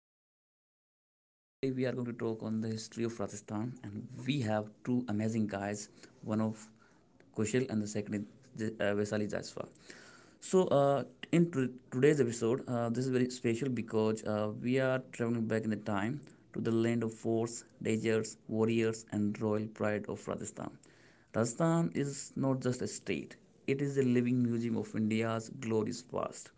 this is Gautam. Today we are going to talk on the history of Rajasthan, and we have two amazing guys, one of Kushal and the second is Vaisali Jaiswal. So, uh, in today's episode, this is very special because we are traveling back in the time to the land of forts, dangers, warriors, and royal pride of Rajasthan. Rajasthan is not just a state, it is a living museum of India's glorious past.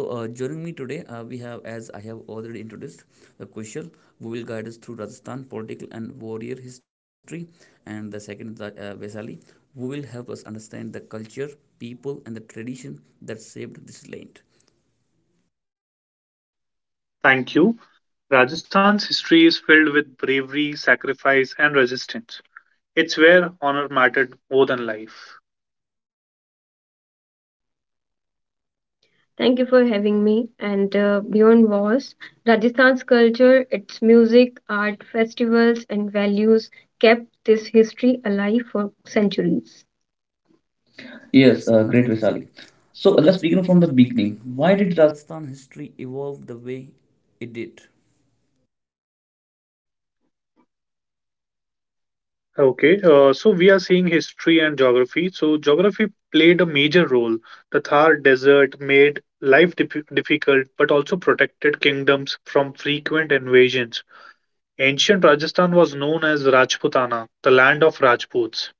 So joining me today, we have, as I have already introduced, Kushal, who will guide us through Rajasthan political and warrior history, and the second, is, Vaisali, who will help us understand the culture, people, and the tradition that saved this land. Thank you. Rajasthan's history is filled with bravery, sacrifice, and resistance. It's where honor mattered more than life. Thank you for having me. And beyond wars, Rajasthan's culture, its music, art, festivals, and values kept this history alive for centuries. Yes, Yes, great Great Vaishali. Vaisali. So So let's let's begin begin from from the the beginning. beginning. Why did Rajasthan history evolve the way it did? Okay, so we are seeing history and geography. So, geography played a major role. The Thar Desert made life difficult but also protected kingdoms from frequent invasions. Ancient Rajasthan was known as Rajputana, the land of Rajputs.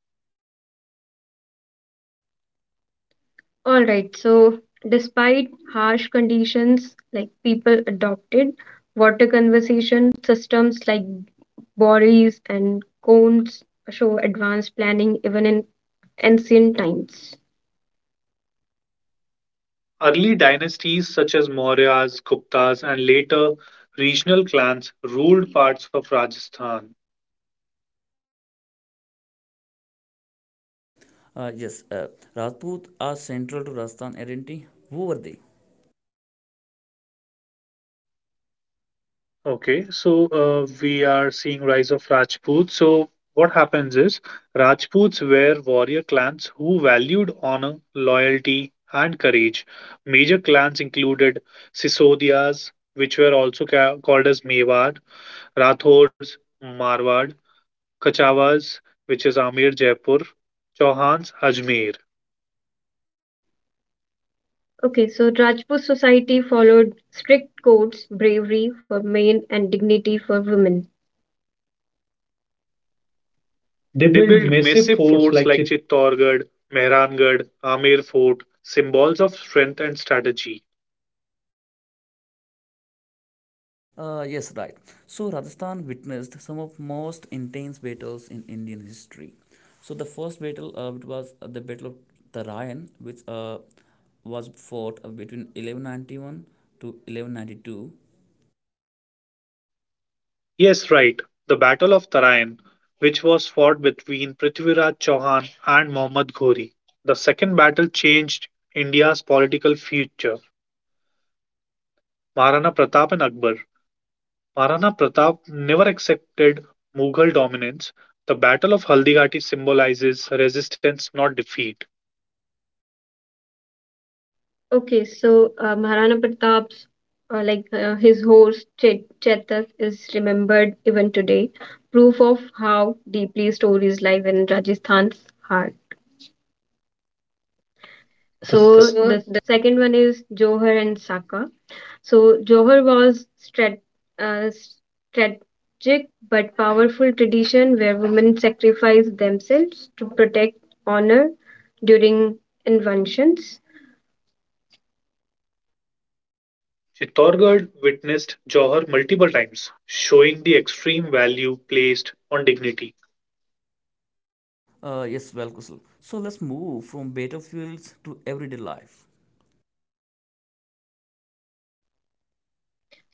All right, so despite harsh conditions, like people adopted water conservation systems like borees and cones show advanced planning even in ancient times. Early dynasties such as Mauryas, Guptas, and later regional clans ruled parts of Rajasthan. Uh, yes, uh, Rajput are central to Rajasthan identity. Who were they? Okay, so we are seeing rise of Rajputs. So what happens is Rajputs were warrior clans who valued honor, loyalty, and courage. Major clans included Sisodias, which were also called as Mewad, Rathors, Marwad, Kachavas, which is Amir Jaipur, Chauhans, Ajmer. Okay, so Rajput society followed strict codes, bravery for men, and dignity for women. They They built built massive massive forts like forts like Chit- Chittorgarh, Mehrangarh, Amer Fort, symbols of strength and strategy. Yes, right. So Rajasthan witnessed some of most intense battles in Indian history. So the first battle it was the Battle of Tarayan, which was fought between 1191 to 1192. Yes, right, the Battle of Tarain, which was fought between Prithviraj Chauhan and Muhammad Ghori. The second battle changed India's political future. Maharana Pratap and Akbar. Maharana Pratap never accepted Mughal dominance. The Battle of Haldigati symbolizes resistance, not defeat. Okay, so Maharana Pratap's, his horse Chetak, is remembered even today, proof of how deeply stories live in Rajasthan's heart. the s- The s- So So the second one is Johar and Saka. So Johor was strategic but powerful tradition where women sacrificed themselves to protect honor during inventions. Chittorgarh witnessed Johor multiple times, showing the extreme value placed on dignity. Yes, well, Kusal, so let's move from better fuels to everyday life.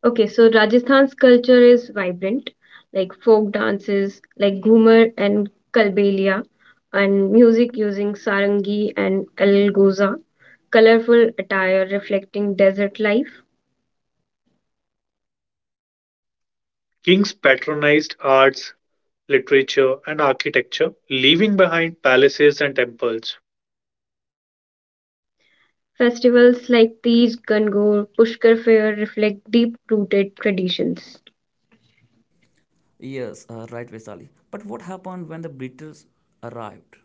Okay, so Rajasthan's culture is vibrant, like folk dances like Ghumar and Kalbelia, and music using sarangi and algoza, colorful attire reflecting desert life. Kings patronized arts, literature, and architecture, leaving behind palaces and temples. Festivals like Tej, Gangor, Pushkar Fair reflect deep rooted traditions. Yes, right, Vaisali. But what happened when the British arrived?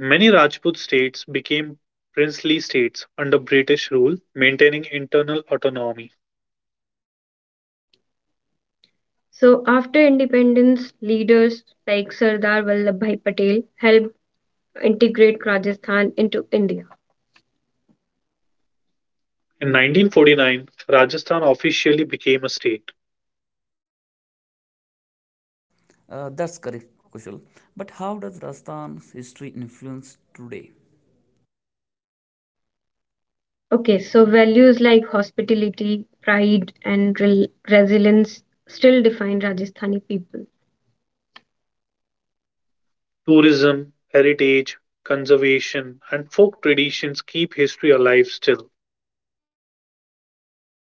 Many Rajput states became princely states under British rule, maintaining internal autonomy. So, after independence, leaders like Sardar Vallabhbhai Patel helped integrate Rajasthan into India. In 1949, Rajasthan officially became a state. That's correct, Kushal. But how does Rajasthan's history influence today? Okay, so values like hospitality, pride, and resilience still define Rajasthani people, Tourism, heritage, conservation, and folk traditions keep history alive still.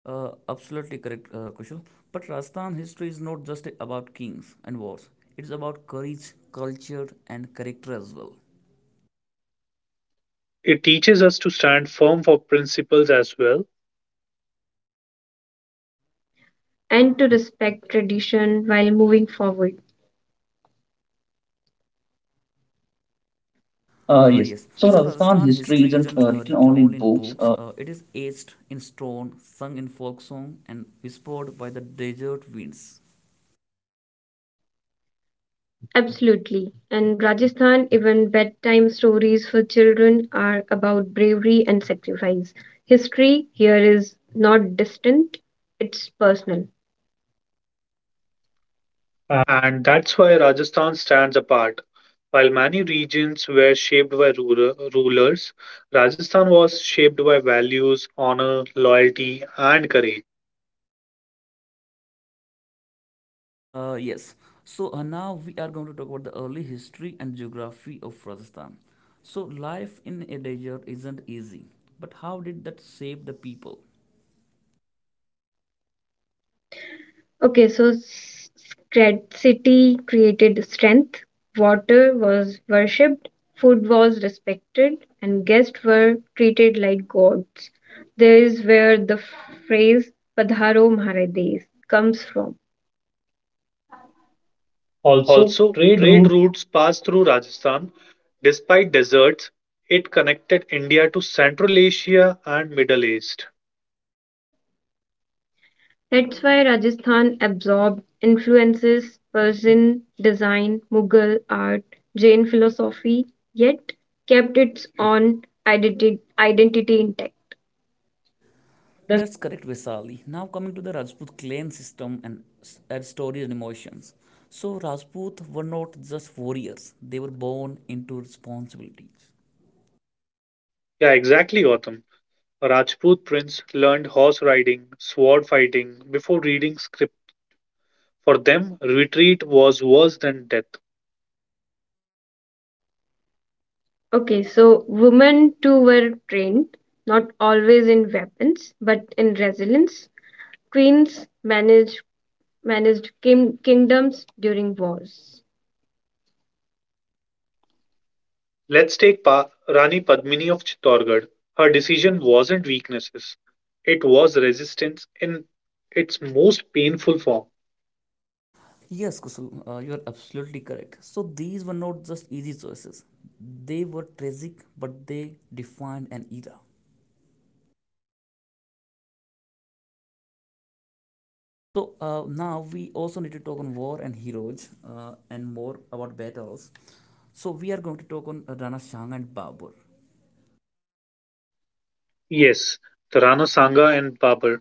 Absolutely correct, Kushal. But Rajasthan history is not just about kings and wars. It's about courage, culture, and character as well. It teaches us to stand firm for principles as well, and to respect tradition while moving forward. Uh, yes. Yes, So so Rajasthan Rajasthan history history isn't isn't written written only in only in books. books. It is etched in stone, sung in folk song, and whispered by the desert winds. Absolutely. And Rajasthan, even bedtime stories for children are about bravery and sacrifice. History here is not distant, it's personal. Uh, and that's why Rajasthan stands apart. While many regions were shaped by rulers, Rajasthan was shaped by values, honor, loyalty, and courage. Uh, yes, Now we are going to talk about the early history and geography of Rajasthan. So life in a desert isn't easy, but how did that shape the people? Okay, so scred- created strength, water was worshipped, food was respected, and guests were treated like gods. There is where the phrase Padharo Maharades comes from. Also, Also, trade routes. trade routes passed through Rajasthan. Despite deserts, it connected India to Central Asia and Middle East. That's why Rajasthan absorbed influences Persian design, Mughal art, Jain philosophy, yet kept its own identity intact. That's correct, Vesali. Now coming to the Rajput clan system and and stories and emotions. So Rajput were not just warriors; they were born into responsibilities. Yeah, exactly, Gautam. A Rajput prince learned horse riding, sword fighting before reading. For them, retreat was worse than death. Okay, so women too were trained, not always in weapons, but in resilience. Queens managed kingdoms during wars. Rani Padmini of Chittorgarh. Her decision wasn't weaknesses, it was resistance in its most painful form. Yes, Kusul, you are absolutely correct. So these were not just easy choices; they were tragic, but they defined an era. So now we also need to talk on war and heroes and more about battles. So we are going to talk on Rana Shah and Babur. Yes, the Rana Sanga and Babur.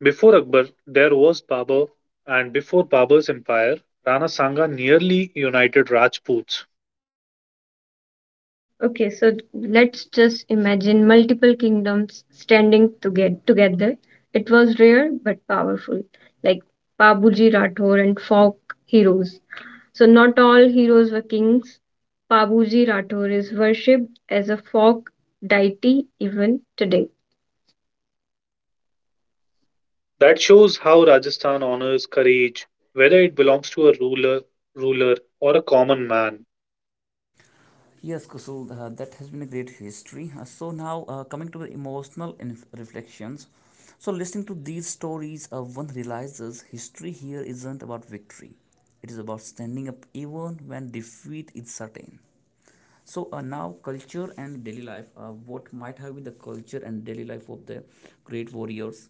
Before Akbar, there was Babur, and before Babur's empire, Rana Sanga nearly united Rajputs. Okay, so let's just imagine multiple kingdoms standing to get together. It was rare but powerful, like Pabuji Rathore and folk heroes. So not all heroes were kings. Pabuji Rathore is worshipped as a folk deity even today. That shows how Rajasthan honors courage, whether it belongs to a ruler or a common man. Yes, Kusul, that has been a great history. So now coming to the emotional reflections. So listening to these stories, one realizes history here isn't about victory. It is about standing up even when defeat is certain. So now culture and daily life. What might have been the culture and daily life of the great warriors?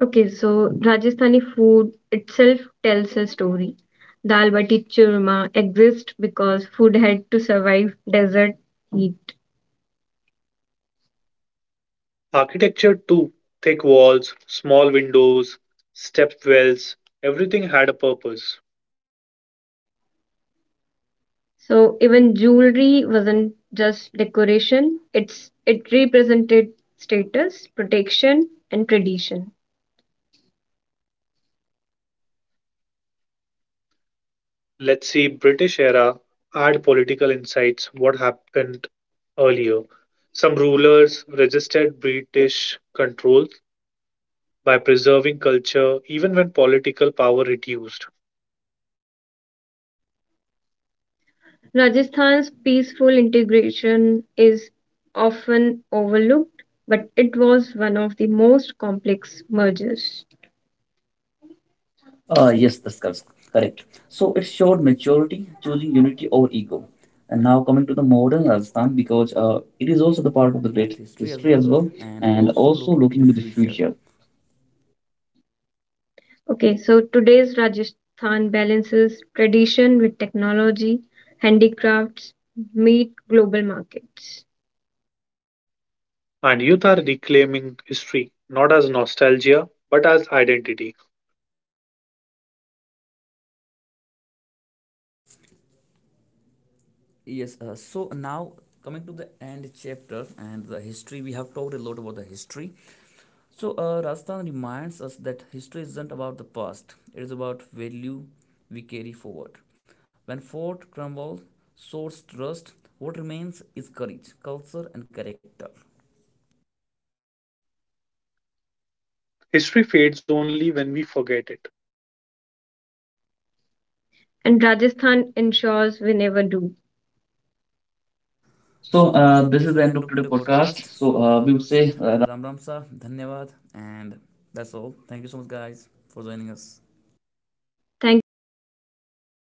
Okay, so Rajasthani food itself tells a story. Dal bati churma exists because food had to survive desert heat. Architecture too, thick walls, small windows, step wells, everything had a purpose. So even jewelry wasn't just decoration, it represented status, protection, and tradition. Let's see British era add political insights what happened earlier. Some rulers resisted British control by preserving culture even when political power reduced. Rajasthan's peaceful integration is often overlooked, but it was one of the most complex mergers. Yes, Yes, that's that's correct. correct. So So it it showed showed maturity, maturity, choosing choosing unity unity over over ego. ego. And And now now coming coming to to the the modern modern Rajasthan Rajasthan, because because it it is is also also the the part part of of the the great great history history as as well, well, and and also also looking looking into into the the future. future. Okay, so today's Rajasthan balances tradition with technology, handicrafts, meet global markets. And youth are reclaiming history not as nostalgia but as identity. Yes. So now coming to the end chapter and the history, we have talked a lot about the history. So Rajasthan reminds us that history isn't about the past; it is about value we carry forward. When fort crumbles, source trust. What remains is courage, culture, and character. History fades only when we forget it. And Rajasthan ensures we never do. So So uh, this this is is the the end end of of today today's podcast. podcast. So So uh, we we will would say say Ram Ram Sa, Dhanyavad, and that's all. Thank you so much, guys, for joining us. Thank you so much for having us.